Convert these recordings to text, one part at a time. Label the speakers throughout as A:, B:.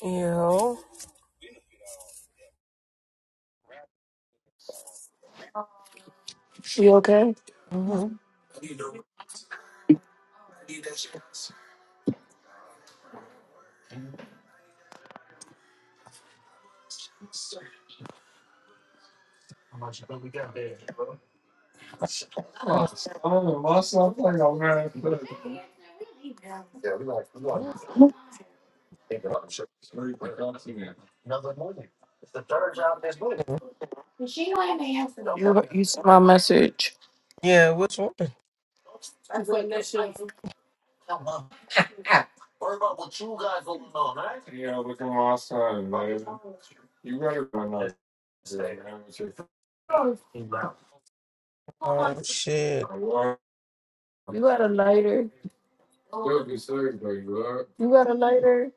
A: Ew.
B: You okay? You saw my message.
A: Yeah, what's one? Oh shit.
B: You got a lighter. You got a lighter.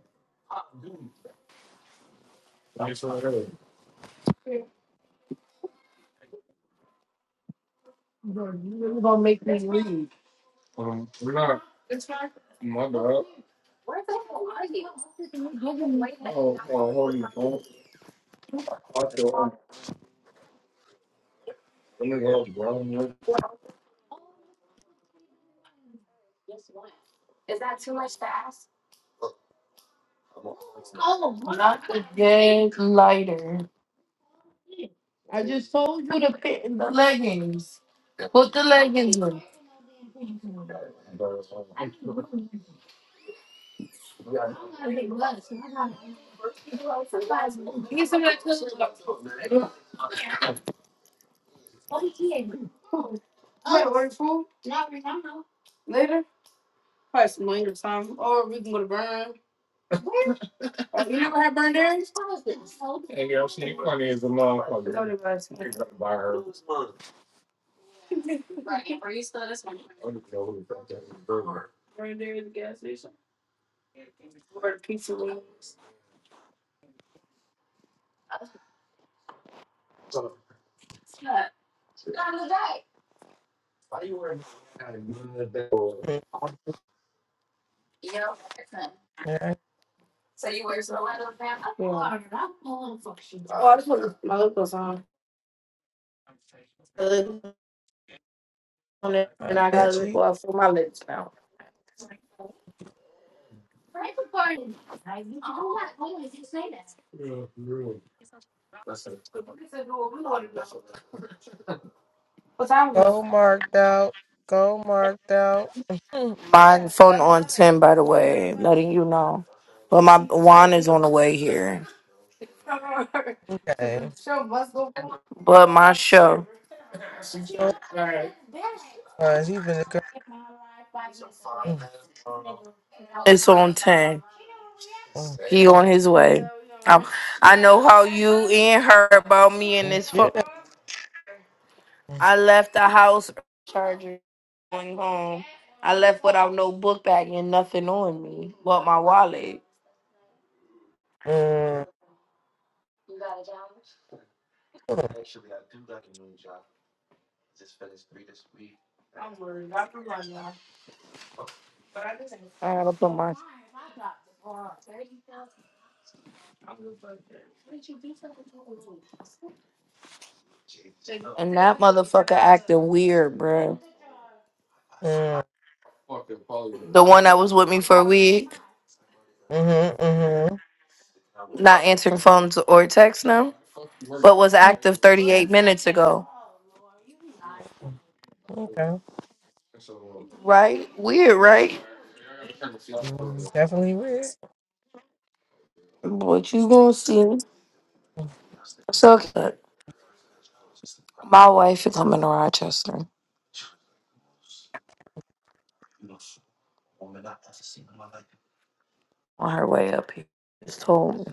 B: Bro, you really gonna make me leave. Not the dead lighter. I just told you to put in the leggings. Put the leggings on. You get some of that too? Yeah. Your food later? Probably some later time. Or we can go to Burn. Have you never had Burn Dairy? Burn Dairy at the gas station. Or the pizza ones.
A: Mm, Yeah,
B: That's what my locals on. look on it
A: I
B: and I gotta
A: bet
B: look
A: you.
B: off for my lips now. What time is it?
A: Go marked out. Go marked out. Mm,
B: My phone on ten, by the way, letting you know. But my wine is on the way here.
A: okay.
B: But my show,
A: Oh, uh, she been a girl. Mm,
B: it's on ten.
A: mm,
B: He on his way. I, I know how you and me and
A: mm,
B: this
A: Yeah.
B: phone.
A: Mm,
B: I lost my charger going home. I left without no book bag and nothing on me, but my wallet.
A: mm,
B: i gotta put my and that motherfucker acting weird, bro.
A: mm,
B: The one that was with me for a week,
A: mhm, mhm,
B: not answering phones or texts now, but was
A: mm,
B: active 38 minutes ago.
A: mm, Okay.
B: Right? Weird, right?
A: Mm, Definitely weird.
B: But you gonna see. So okay, my wife is coming to Rochester on her way up here. Just told me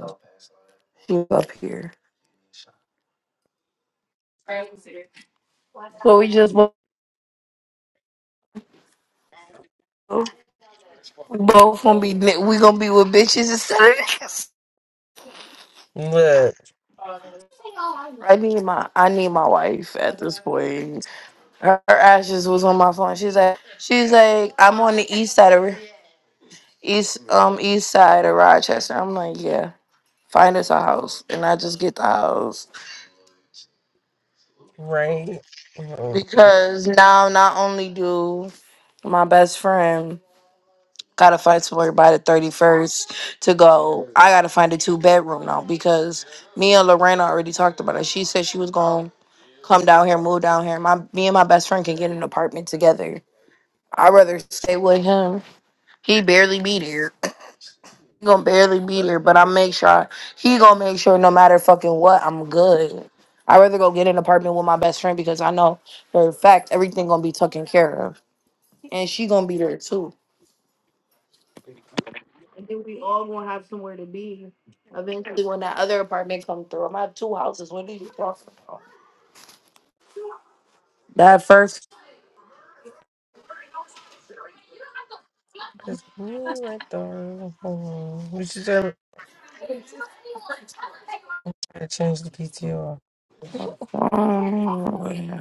B: she up here. right, So we just both, we both gonna be ni- we gonna be with bitches instead.
A: Look,
B: I need my I need my wife at this point. Her, her ashes was on my phone. She's like she's like I'm on the east side of east um east side of Rochester. I'm like yeah, find us a house, and I just get the house
A: right? Mm-hmm.
B: because now not only do my best friend gotta find somewhere by the 31st to go, I gotta find a two bedroom now because me and Lorena already talked about it. She said she was going. come down here, move down here. My me and my best friend can get an apartment together. I'd rather stay with him. He barely be there. He gonna barely be there, but I make sure I, he gonna make sure no matter fucking what, I'm good. I'd rather go get an apartment with my best friend because I know for a fact everything gonna be taken care of. And she gonna be there too. I think we all gonna have somewhere to be. Eventually when that other apartment come through. I'm gonna have two houses. What are you talking about? That first
A: Cause me right there. Hold on. What you said? I changed the PTO.
B: oh, yeah.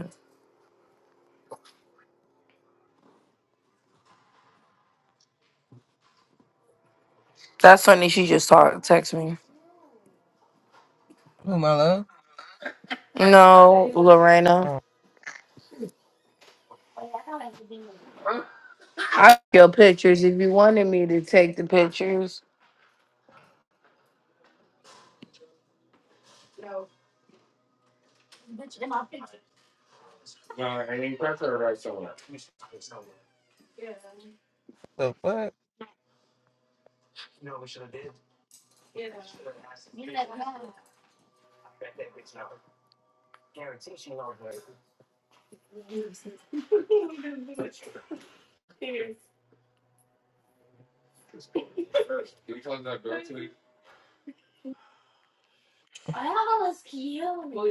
B: That's funny. She just talked, text me.
A: Who my love?
B: No, Lorena.
A: Oh,
B: I took your pictures. If you wanted me to take the pictures,
A: the fuck?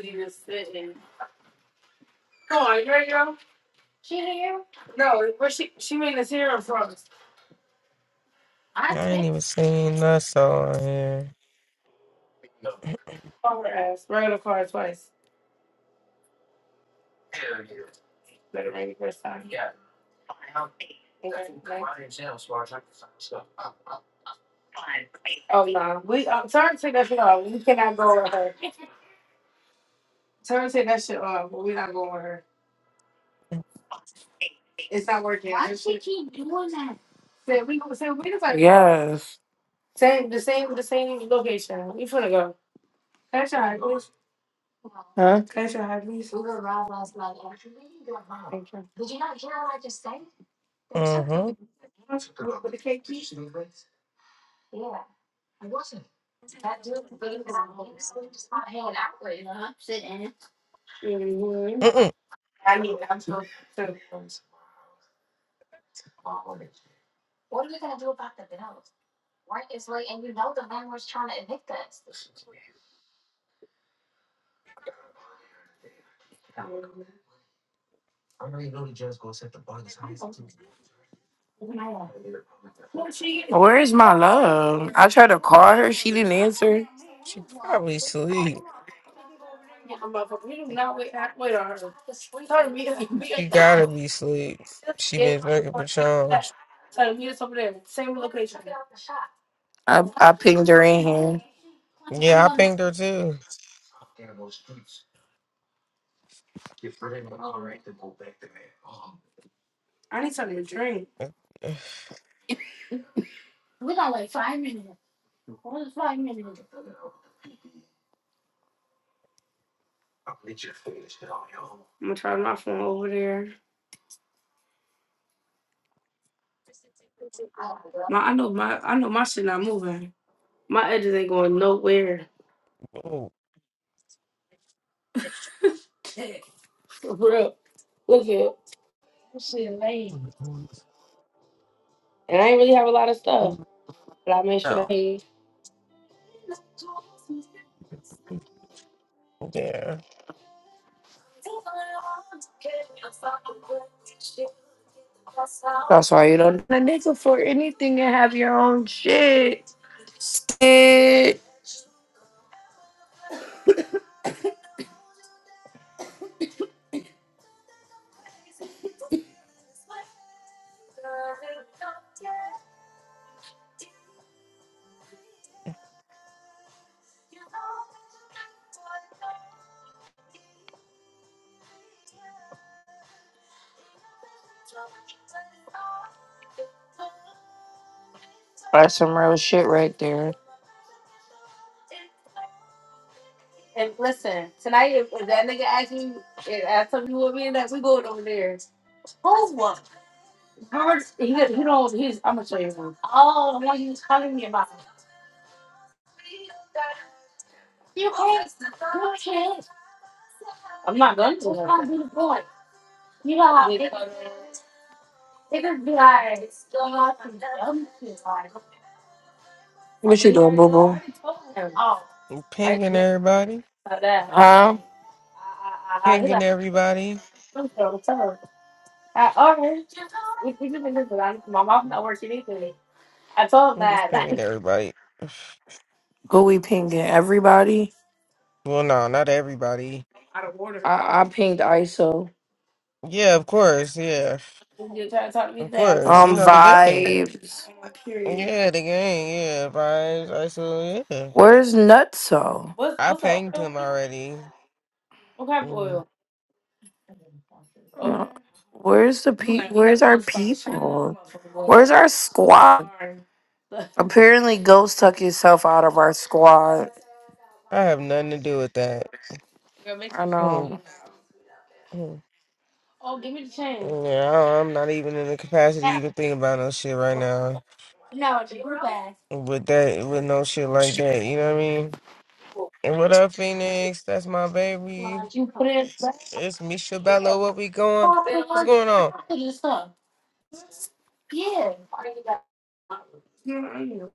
B: Come on, you ready, girl? No, where she she made us hear her from.
A: I ain't even seen that song on here.
B: On her ass. We're gonna call her twice. Better make it first time. Oh no, we uh, turn take that shit off. We cannot go with her. Turn take that shit off. But We're not going with her. It's not working. Say we go. Say we just like yes. Same the same the same location. We finna go. Cash out. Huh? Cash out, please. Thank
A: Uh huh.
B: you. hmm
A: Mm-mm.
B: I need that too. too. Where is my love? I tried to call her. She didn't answer.
A: She probably sleep.
B: Motherfucker, we do not wait, wait on her. We
A: She gotta be sleep. She been drinking Patron.
B: so meet us over there. Same I, I pinged her in here.
A: Yeah, I pinged her too.
B: I need something to drink. I'm gonna try my phone over there. My, I know my, I know my shit not moving. My edges ain't going nowhere.
A: Oh,
B: For real. Look at shit lame. And I ain't really have a lot of stuff, but I made sure
A: no.
B: that.
A: Yeah.
B: That's why you don't need a nigga for anything and have your own shit. Shit. That's some real shit right there. And listen, tonight if, if that nigga asks you, if asks something you want me in that, we going over there. Who's one? I already told What him.
A: I'm pinging everybody.
B: Huh?
A: Pinging everybody.
B: So,
A: I'm just pinging everybody.
B: Who we pinging? Everybody?
A: Well, no, not everybody.
B: Out of order. I, I pinged ISO.
A: Yeah, of course. Yeah,
B: You trying to talk to me
A: of
B: today? I'm
A: course.
B: sorry.
A: You
B: Um,
A: know the game.
B: vibes. I'm Period.
A: Yeah, the game. Yeah, I, I so yeah.
B: Where's Nutso? What's
A: I
B: what's up?
A: pinged him already.
B: What kind of oil?
A: Mm,
B: Uh, Where's the pe- where's our people? Where's our squad? Apparently Ghost took himself out of our squad.
A: I have nothing to do with that.
B: I
A: Mm,
B: know.
A: mm.
B: I
A: Yeah, I- I'm not even in the capacity to even think about no shit right now. With that, with no shit like that, you know what I mean? And what up, Phoenix? That's my baby. It's Misha Bello. What we going? What's going on?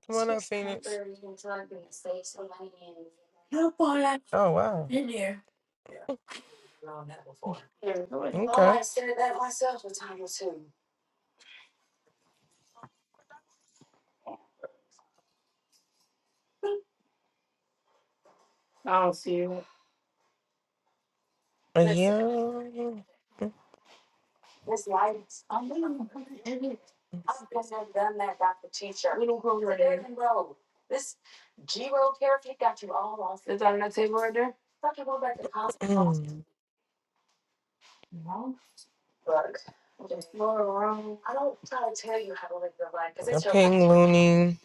A: Come on up, Phoenix. Oh wow. Okay.
B: don't see it.
A: Uh, Yeah. Mm.
B: What
A: A ping loony.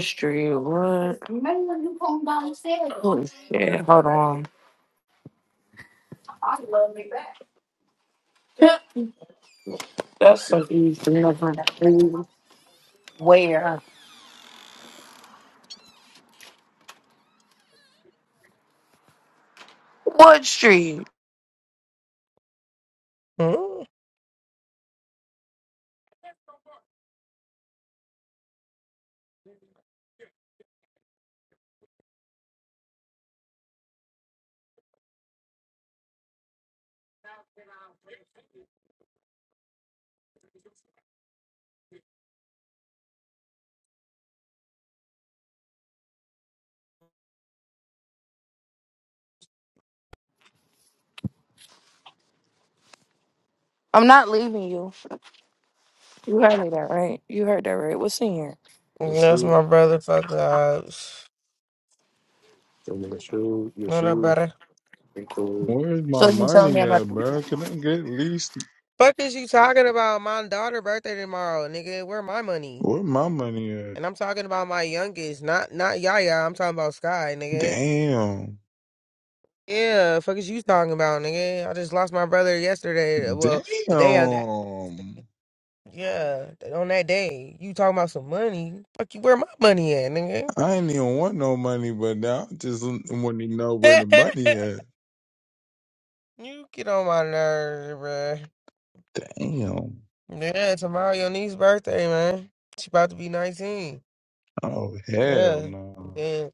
B: street? What? Oh shit, hold on. That's so easy. Never leave. Where? What street?
A: Mm.
B: I'm not leaving you. You heard me that right? You heard that right. What's in here?
A: That's my brother. Fuck the odds. What up, brother?
C: Where's my
B: So you can tell me
C: money at,
B: about.
C: bro? Can I get at least
A: Fuck is you talking about? My daughter' birthday tomorrow, nigga. Where my money?
C: where my money at?
A: And I'm talking about my youngest, not not Yaya. I'm talking about Sky, nigga.
C: Damn.
A: Yeah, fuck is you talking about, nigga? I just lost my brother yesterday. Well, the day of that,
C: Damn.
A: yeah, on that day, you talking about some money? Fuck you, where my money at, nigga?
C: I ain't even want no money, but now I just want to know where the money at.
A: you get on my nerves, bruh.
C: Damn.
A: Yeah, tomorrow your niece's birthday, man. She about to be nineteen.
C: Oh, hell
A: Yeah,
C: no.
A: yeah,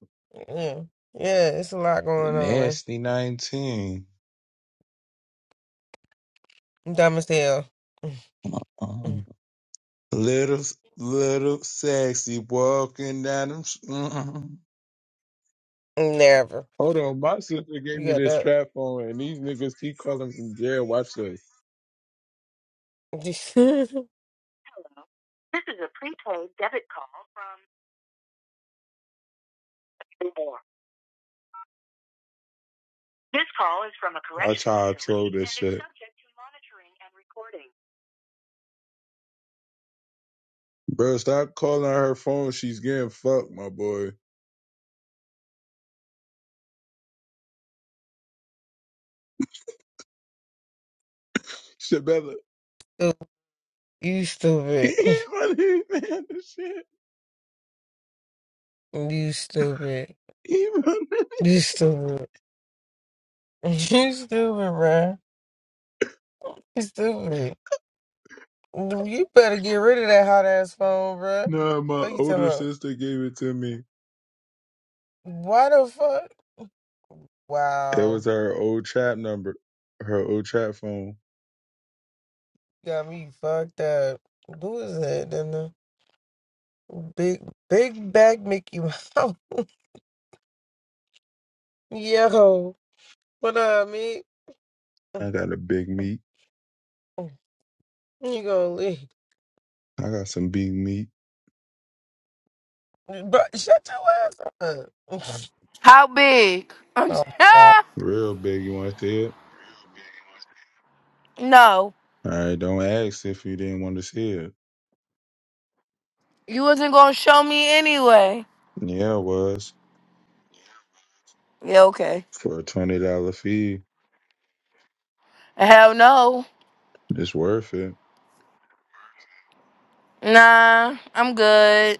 A: yeah, yeah. It's a lot going on, man.
C: Nasty 19.
A: I'm dumb as hell.
C: Uh-uh. Little, little sexy walking down them. s- Mm-mm.
A: Never.
C: Hold on. My sister gave
A: You
C: me
A: got
C: this
A: that?
C: strap on, and these niggas keep calling from jail. Watch this. correction. That's how I told this shit. Bro, stop calling her phone. She's getting fucked, my boy. Shit, better.
A: you stupid.
C: Even man, this shit.
A: You stupid.
C: Even.
A: You stupid. You stupid, bruh. You stupid. You better get rid of that hot ass phone, bruh.
C: Nah, my
A: Fuck you talking
C: older
A: about.
C: sister gave it to me.
A: Why the fuck?
C: It
A: Wow.
C: was her old trap number, her old trap phone.
A: Got me fucked up. Who is that, then the Big Big Back Mickey Mouse. Yo. What up, me?
C: I got a big meat.
A: You gonna leave.
C: I got some big meat,
A: But shut your ass up.
B: How big? I'm
A: Oh god.
C: real big. You want to see it?
B: no.
C: All right, don't ask if you didn't want to see it.
B: You wasn't gonna show me anyway.
C: Yeah, it was
B: Yeah, okay.
C: for a twenty dollar fee.
B: Hell no.
C: It's worth it.
B: Nah, I'm good.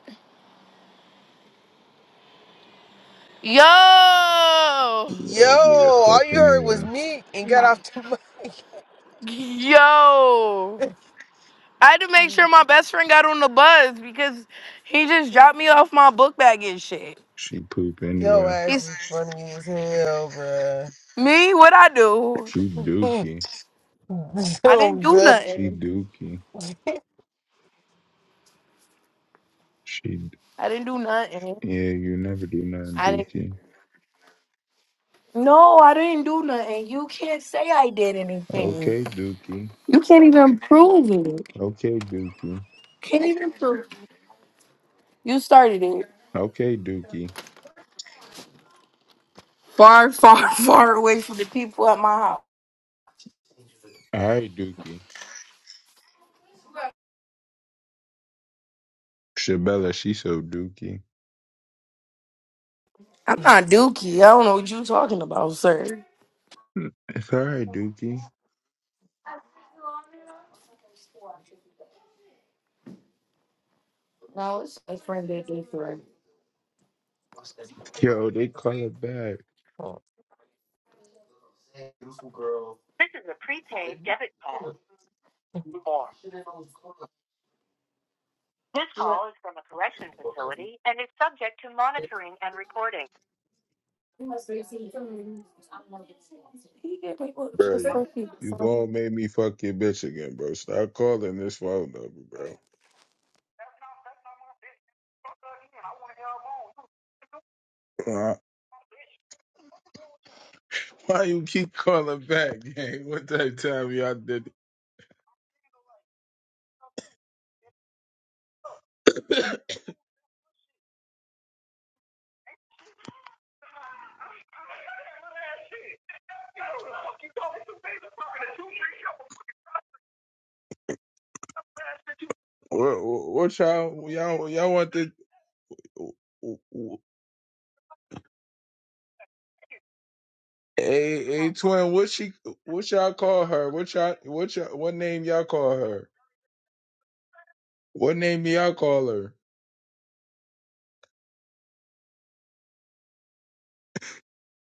B: Yo!
C: Yeah,
A: Yo,
C: ugly as
A: all
C: fuck
A: you heard was
C: anywhere.
A: me and got off the mic.
B: Yo! I had to make
A: Your
B: sure my best friend got on the bus because he just dropped me off my book bag and shit.
C: She poop anywhere.
A: ass
B: It's
A: is funny as hell, bruh.
B: me, what I do.
C: She dookie.
B: I didn't
A: dumb,
B: do
A: dumb.
C: She
B: nothing.
C: dookie. She
B: I didn't do nothing.
C: yeah, you never do nothing
B: I didn't
C: dookie.
B: No, I didn't do nothing. You can't say I did anything.
C: Okay, dookie.
B: You can't even prove it.
C: Okay, dookie.
B: Can't even prove. You started it
C: Okay, dookie.
B: far, far, far away from the people at my house.
C: All right, dookie. Shabella, she so dookie.
B: I'm not Dookie. I don't know what you talking about, sir.
C: It's all right, dookie.
B: No, it's a friend that did for
C: Yo, they call it back, bro.
B: Just
C: You
B: for people.
C: you gonna make me fuck your bitch again, bro? Stop calling this phone number, bro. Uh, Why you keep calling back, gang? What type of time y'all did? What, what y'all y'all y'all want the a a twin? What she what y'all call her? What y'all what y'all what name y'all call her? What name y'all call her?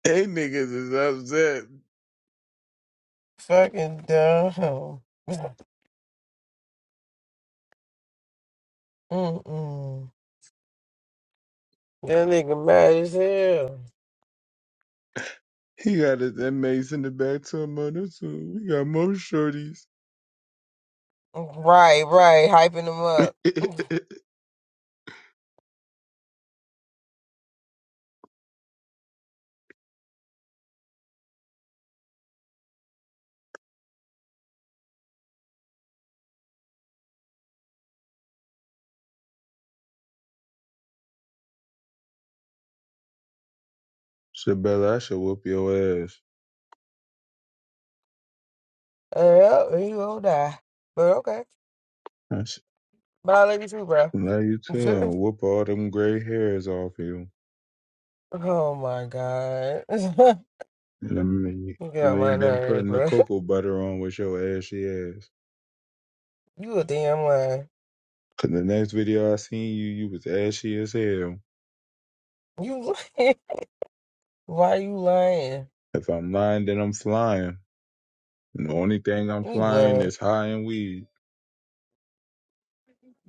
C: Hey niggas is upset.
A: Fucking dumb. Mm-mm. That nigga mad as hell.
C: He got his inmates in the back to him on this one. We got more shorties.
A: Right, right. Hyping him up.
C: Shabella, I should whoop your ass.
A: Uh, yep, he gonna die. But okay.
C: I should
A: But I love you too, bro.
C: allow you to and whoop all them gray hairs off you.
A: oh my god.
C: And I mean,
A: you get
C: you
A: on my
C: ain't been
A: nerves,
C: putting the
A: bro.
C: cocoa butter on with your ashy ass.
A: You a damn liar.
C: Cause the next video I seen you, you was ashy as hell.
A: You lying. Why you lying?
C: If I'm lying, then I'm flying. And the only thing I'm
A: You
C: flying
A: lying.
C: is high and weed.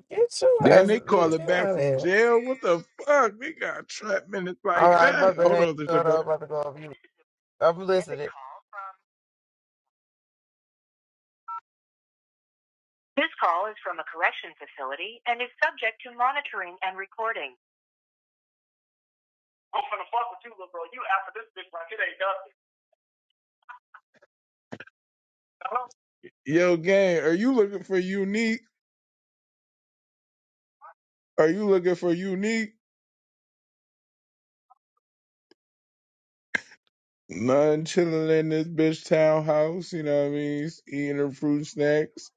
A: Get your
C: Then
A: ass.
C: they call
A: Get
C: it
A: out
C: back
A: of
C: from
A: here.
C: jail. What the fuck? They got trap minutes
A: All
C: like
A: right, I'm about
C: that.
A: to
C: Hold
A: hang
C: on, this
A: up. I'm
C: about
A: about to go off you. I'm listening.
C: Yo, gang, are you looking for unique? Are you looking for unique? None chilling in this bitch townhouse. You know what I mean? Eating her fruit snacks.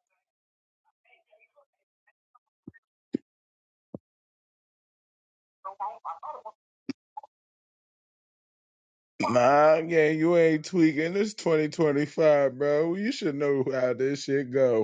C: Nah, gang, you ain't tweaking. It's 2025, bro. You should know how this shit go.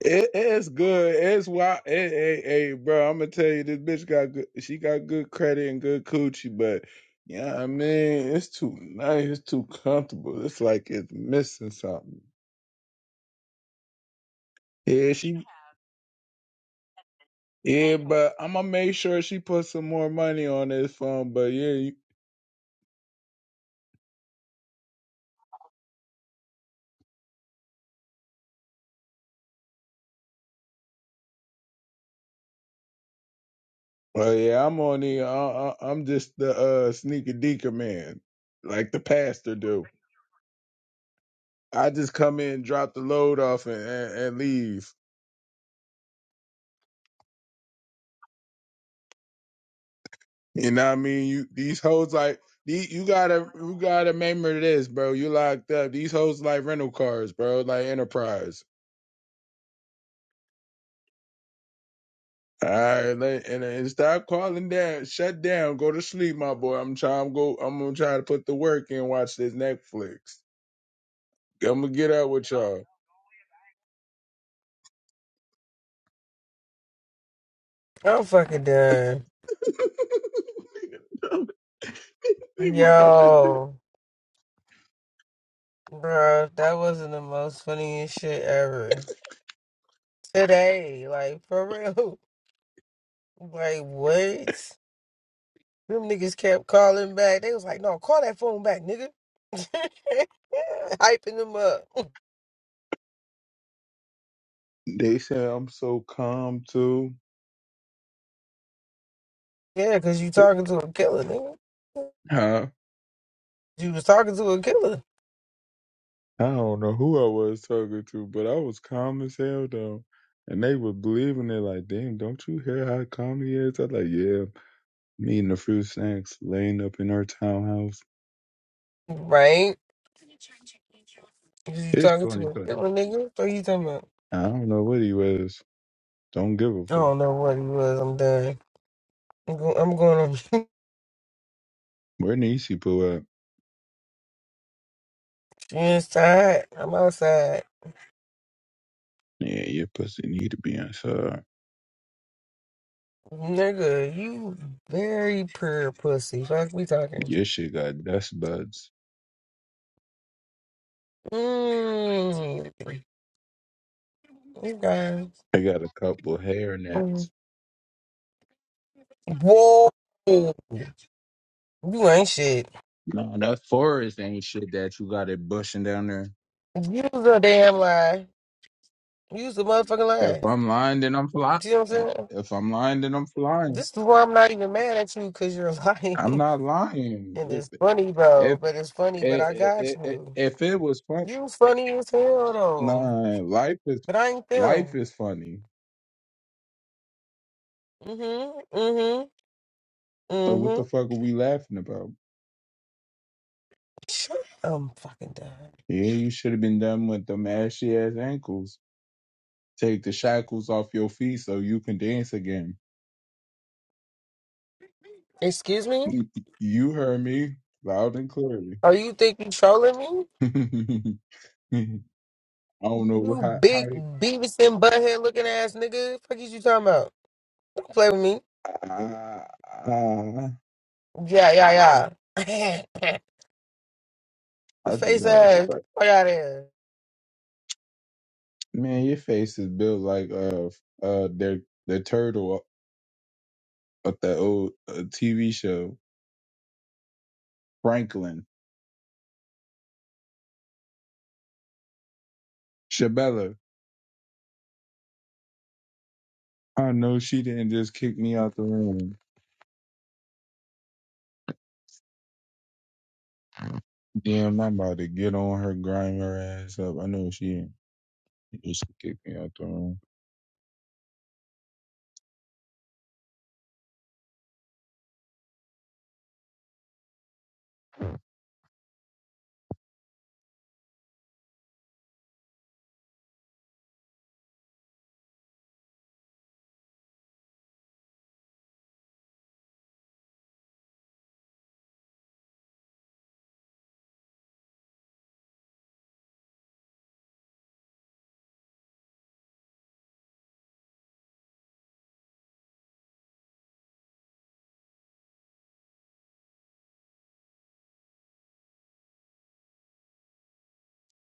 C: It, it's good. It's why. Hey, hey, hey, bro. I'm gonna tell you, this bitch got good. She got good credit and good coochie, but yeah, I mean, it's too nice. It's too comfortable. It's like it's missing something. Yeah, she. Yeah, but I'm gonna make sure she puts some more money on this phone. But yeah, you, well, yeah, I'm on the. I, I, I'm just the uh sneaker deaker man, like the pastor do. I just come in, drop the load off, and and, and leave. You know what I mean? You these hoes like these, you gotta you gotta remember this, bro. You locked up. These hoes like rental cars, bro, like enterprise. Alright, let- and, and stop calling down, shut down, go to sleep, my boy. I'm trying go I'm gonna try to put the work in, watch this Netflix. I'm gonna get out with y'all.
A: I'm fucking done.
C: Nigga, dumb as shit.
A: Yo, bro, that wasn't the most funniest shit ever. Today, like, for real. Like, what? Them niggas kept calling back. They was like, no, call that phone back, nigga. Hyping them up.
C: They said I'm so calm too.
A: Yeah, because you talking to a killer, nigga.
C: Huh?
A: You was talking to a killer,
C: I don't know who I was talking to, but I was calm as hell though. And they were believing it like, damn, don't you hear how calm he is? I was like, yeah, me and the fruit snacks laying up in our townhouse.
A: right? Who you
C: It's
A: talking to?
C: 2020.
A: Yo, nigga, what you talking about?
C: I don't know what he was. Don't give a
A: I
C: fuck.
A: don't know what he was. I'm done. I'm, go- I'm going on. mute.
C: Where Niecy pull up?
A: you inside? I'm outside.
C: Yeah, your pussy need to be inside.
A: Nigga, you very pure pussy. Fuck, we talking.
C: Your shit got dust buds.
A: Mmm. You guys.
C: I got a couple hair
A: Mm.
C: nets.
A: Whoa. You ain't shit.
C: No, that forest ain't shit that you got it bushing down there.
A: Use a damn lie. Use a motherfucking
C: If
A: lie.
C: I'm lying, then I'm flying.
A: You know what I'm saying?
C: If I'm lying, then I'm flying.
A: This is why I'm not even mad at you because you're lying.
C: I'm not lying.
A: and
C: If
A: it's funny, bro.
C: if
A: But it's funny, but I
C: if,
A: got
C: if,
A: you.
C: if it was fun,
A: You funny as hell though.
C: nah. Life is
A: But I ain't
C: life
A: them.
C: is funny.
A: Mm-hmm. Mm-hmm.
C: So what
A: Mm-hmm.
C: the fuck are we laughing about?
A: Shut I'm fucking done.
C: Yeah, you should have been done with them ashy ass ankles. Take the shackles off your feet so you can dance again.
A: Excuse me?
C: You heard me loud and clearly.
A: Are you think you trolling me?
C: I don't know
A: You
C: how. how
A: big Beavis and butthead looking ass nigga. Fuck is you talking about? Don't play with me.
C: I, I,
A: Yeah, yeah, yeah. the
C: I just
A: face
C: got a
A: ass. Get
C: strike.
A: the fuck out of here.
C: Man, your face is built like uh uh their the turtle of the old uh, TV show Franklin Shabella. I know she didn't just kick me out the room. Damn, I'm about to get on her, grind her ass up. I know she didn't just kick me out the room.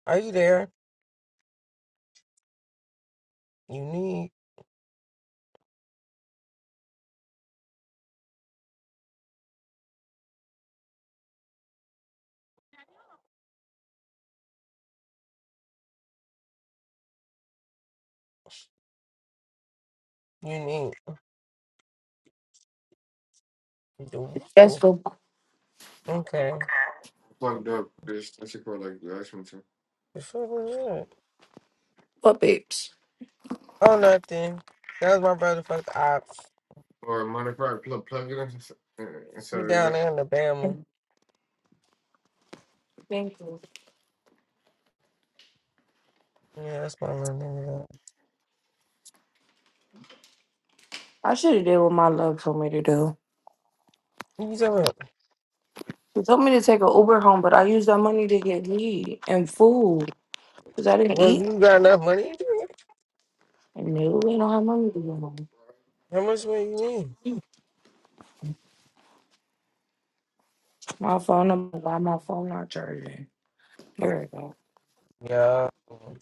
A: Are you there? You need you need
B: Just
A: Ooh,
B: for
A: okay. The fuck was that?
B: puppets.
A: Oh nothing. That was my brother fucked ops. He down there in Alabama.
B: Thank you.
A: Yeah, that's my little nigga.
B: I should have did what my love told me to do.
A: What you talking about?
B: She told me to take an Uber home, but I used that money to get weed and food because I didn't
A: Well,
B: eat.
A: you got enough money?
B: And no, we don't have money to go home.
A: How much money you need?
B: My phone, number- why my phone not charging? Here we go.
A: Yeah. Oh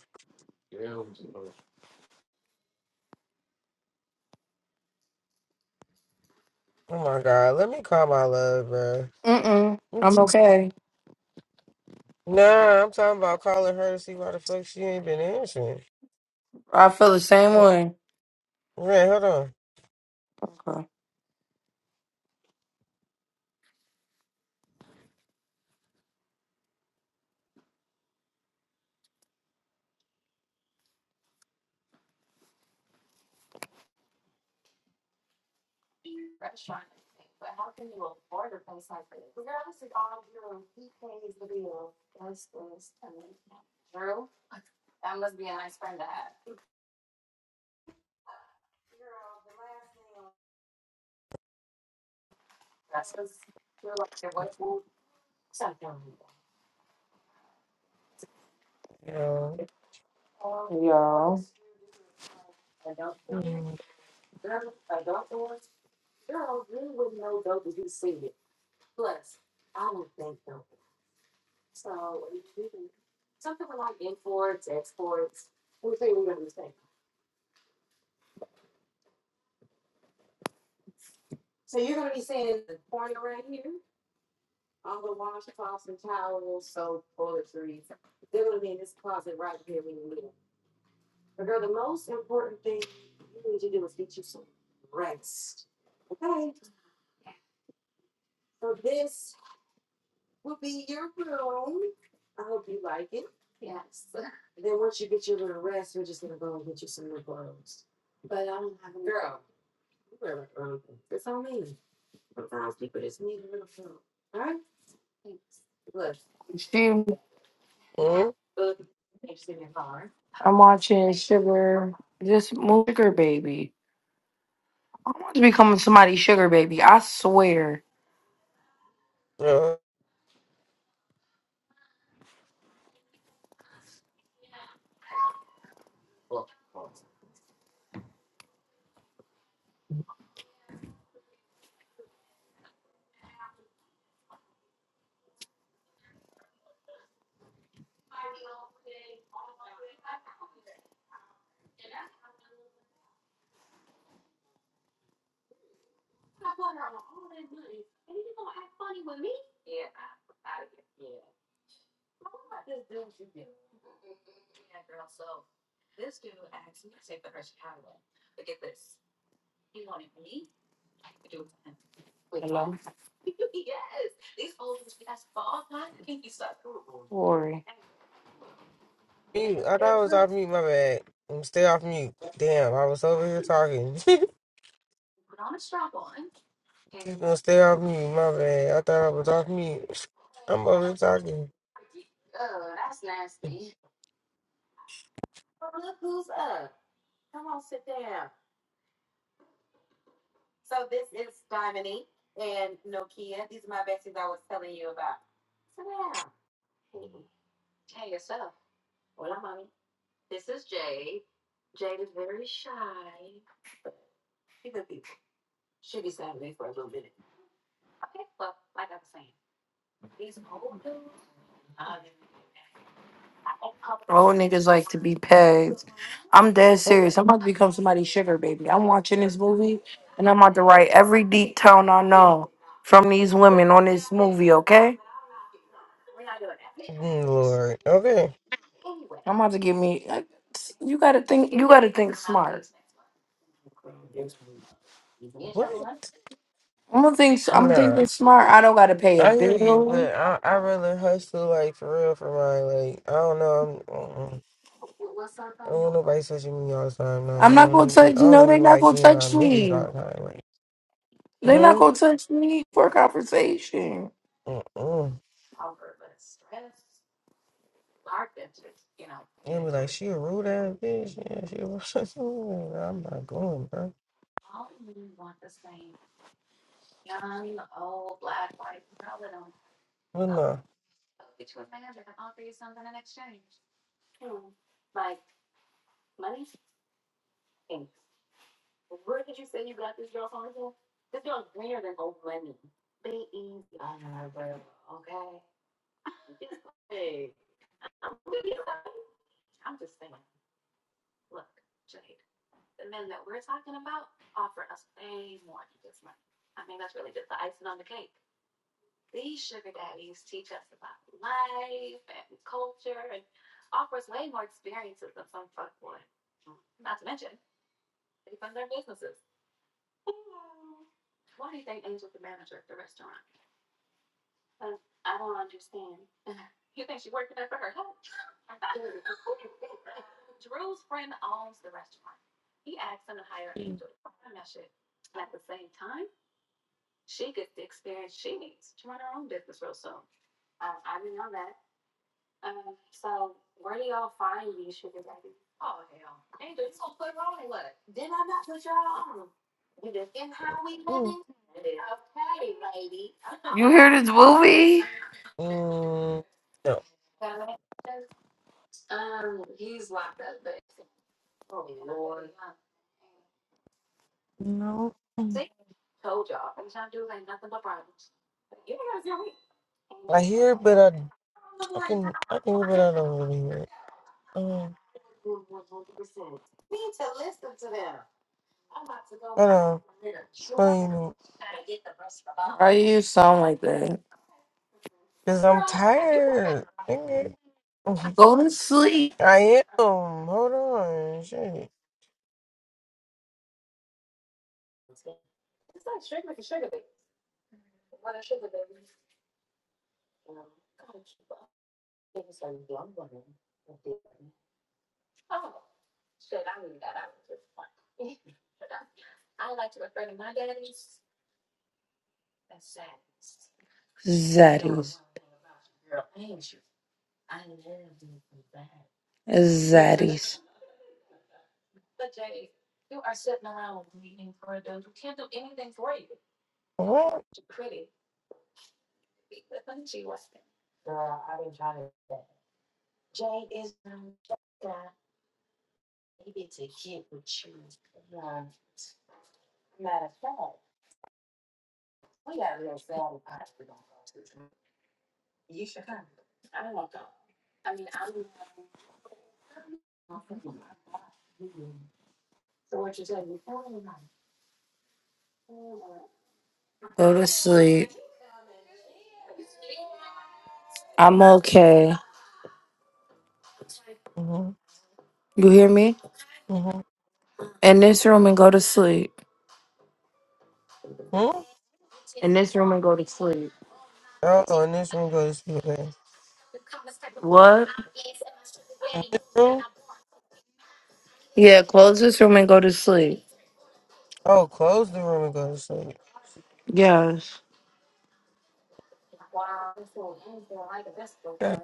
A: my god, let me call my love, bro.
B: Mm-mm. I'm okay.
A: Nah, I'm talking about calling her to see why the fuck she ain't been answering.
B: I feel the same way.
A: Right, hold on.
B: Okay.
A: Yeah.
B: Yeah.
A: Mm-hmm.
B: She, I'm watching Sugar, this mo- Sugar Baby. I want to become somebody's Sugar Baby. I swear.
A: Yo.
B: Glory.
A: Mute. I thought I was off mute, my bad. I'm stay off mute. Damn, I was over here talking. She's gonna stay off mute, my bad. I thought I was off mute. I'm over here talking.
B: Old niggas like to be pegged. I'm dead
A: Oh,
B: serious. I'm about to become somebody's Sugar Baby. I'm watching this movie and I'm about to write every deep tone I know from these women on this movie, okay?
A: Mm, Lord. Okay.
B: I'm about to give me. You gotta think. You gotta think smart.
A: What?
B: I don't think so. I'm thinking
A: No,
B: smart. I don't gotta pay a
A: I hear you,
B: bill.
A: but I I rather hustle like for real for my Like I don't know, I'm, mm-mm. I don't want nobody touching me all the time. No,
B: I'm
A: I
B: not
A: don't
B: gonna
A: even
B: touch.
A: want- I don't
B: No,
A: even
B: they not
A: like
B: gonna
A: being around
B: touch
A: niggas
B: me.
A: all the time. Like,
B: They not
A: hmm,
B: gonna touch me for conversation.
A: mm-mm. And be like, she a rude ass bitch. Yeah, she. A rude ass bitch. I'm not going, bro. But no, mm,
B: You hear this movie?
A: mm, no. No. Mm. I hear it, but I I can I can hear, it, but I don't really hear it. Um, I don't. know.
B: Why you sound like that?
A: Cause I'm tired. Nigga. Mhm.
B: Go to sleep,
A: I am. Hold on. Shit.
B: Zaddy. Zaddies.
A: What?
B: Go to sleep. I'm okay.
A: Mm-hmm.
B: You hear me?
A: Mm-hmm.
B: In this room and go to sleep.
A: Hmm?
B: In this room and go to sleep.
A: Oh, In this room go to sleep. man.
B: What?
A: In this room?
B: Yeah, close this room and go to sleep.
A: Oh, close the room and go to sleep.
B: Yes. That's
A: Okay.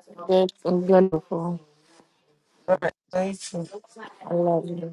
B: beautiful.
A: God,
B: I love you.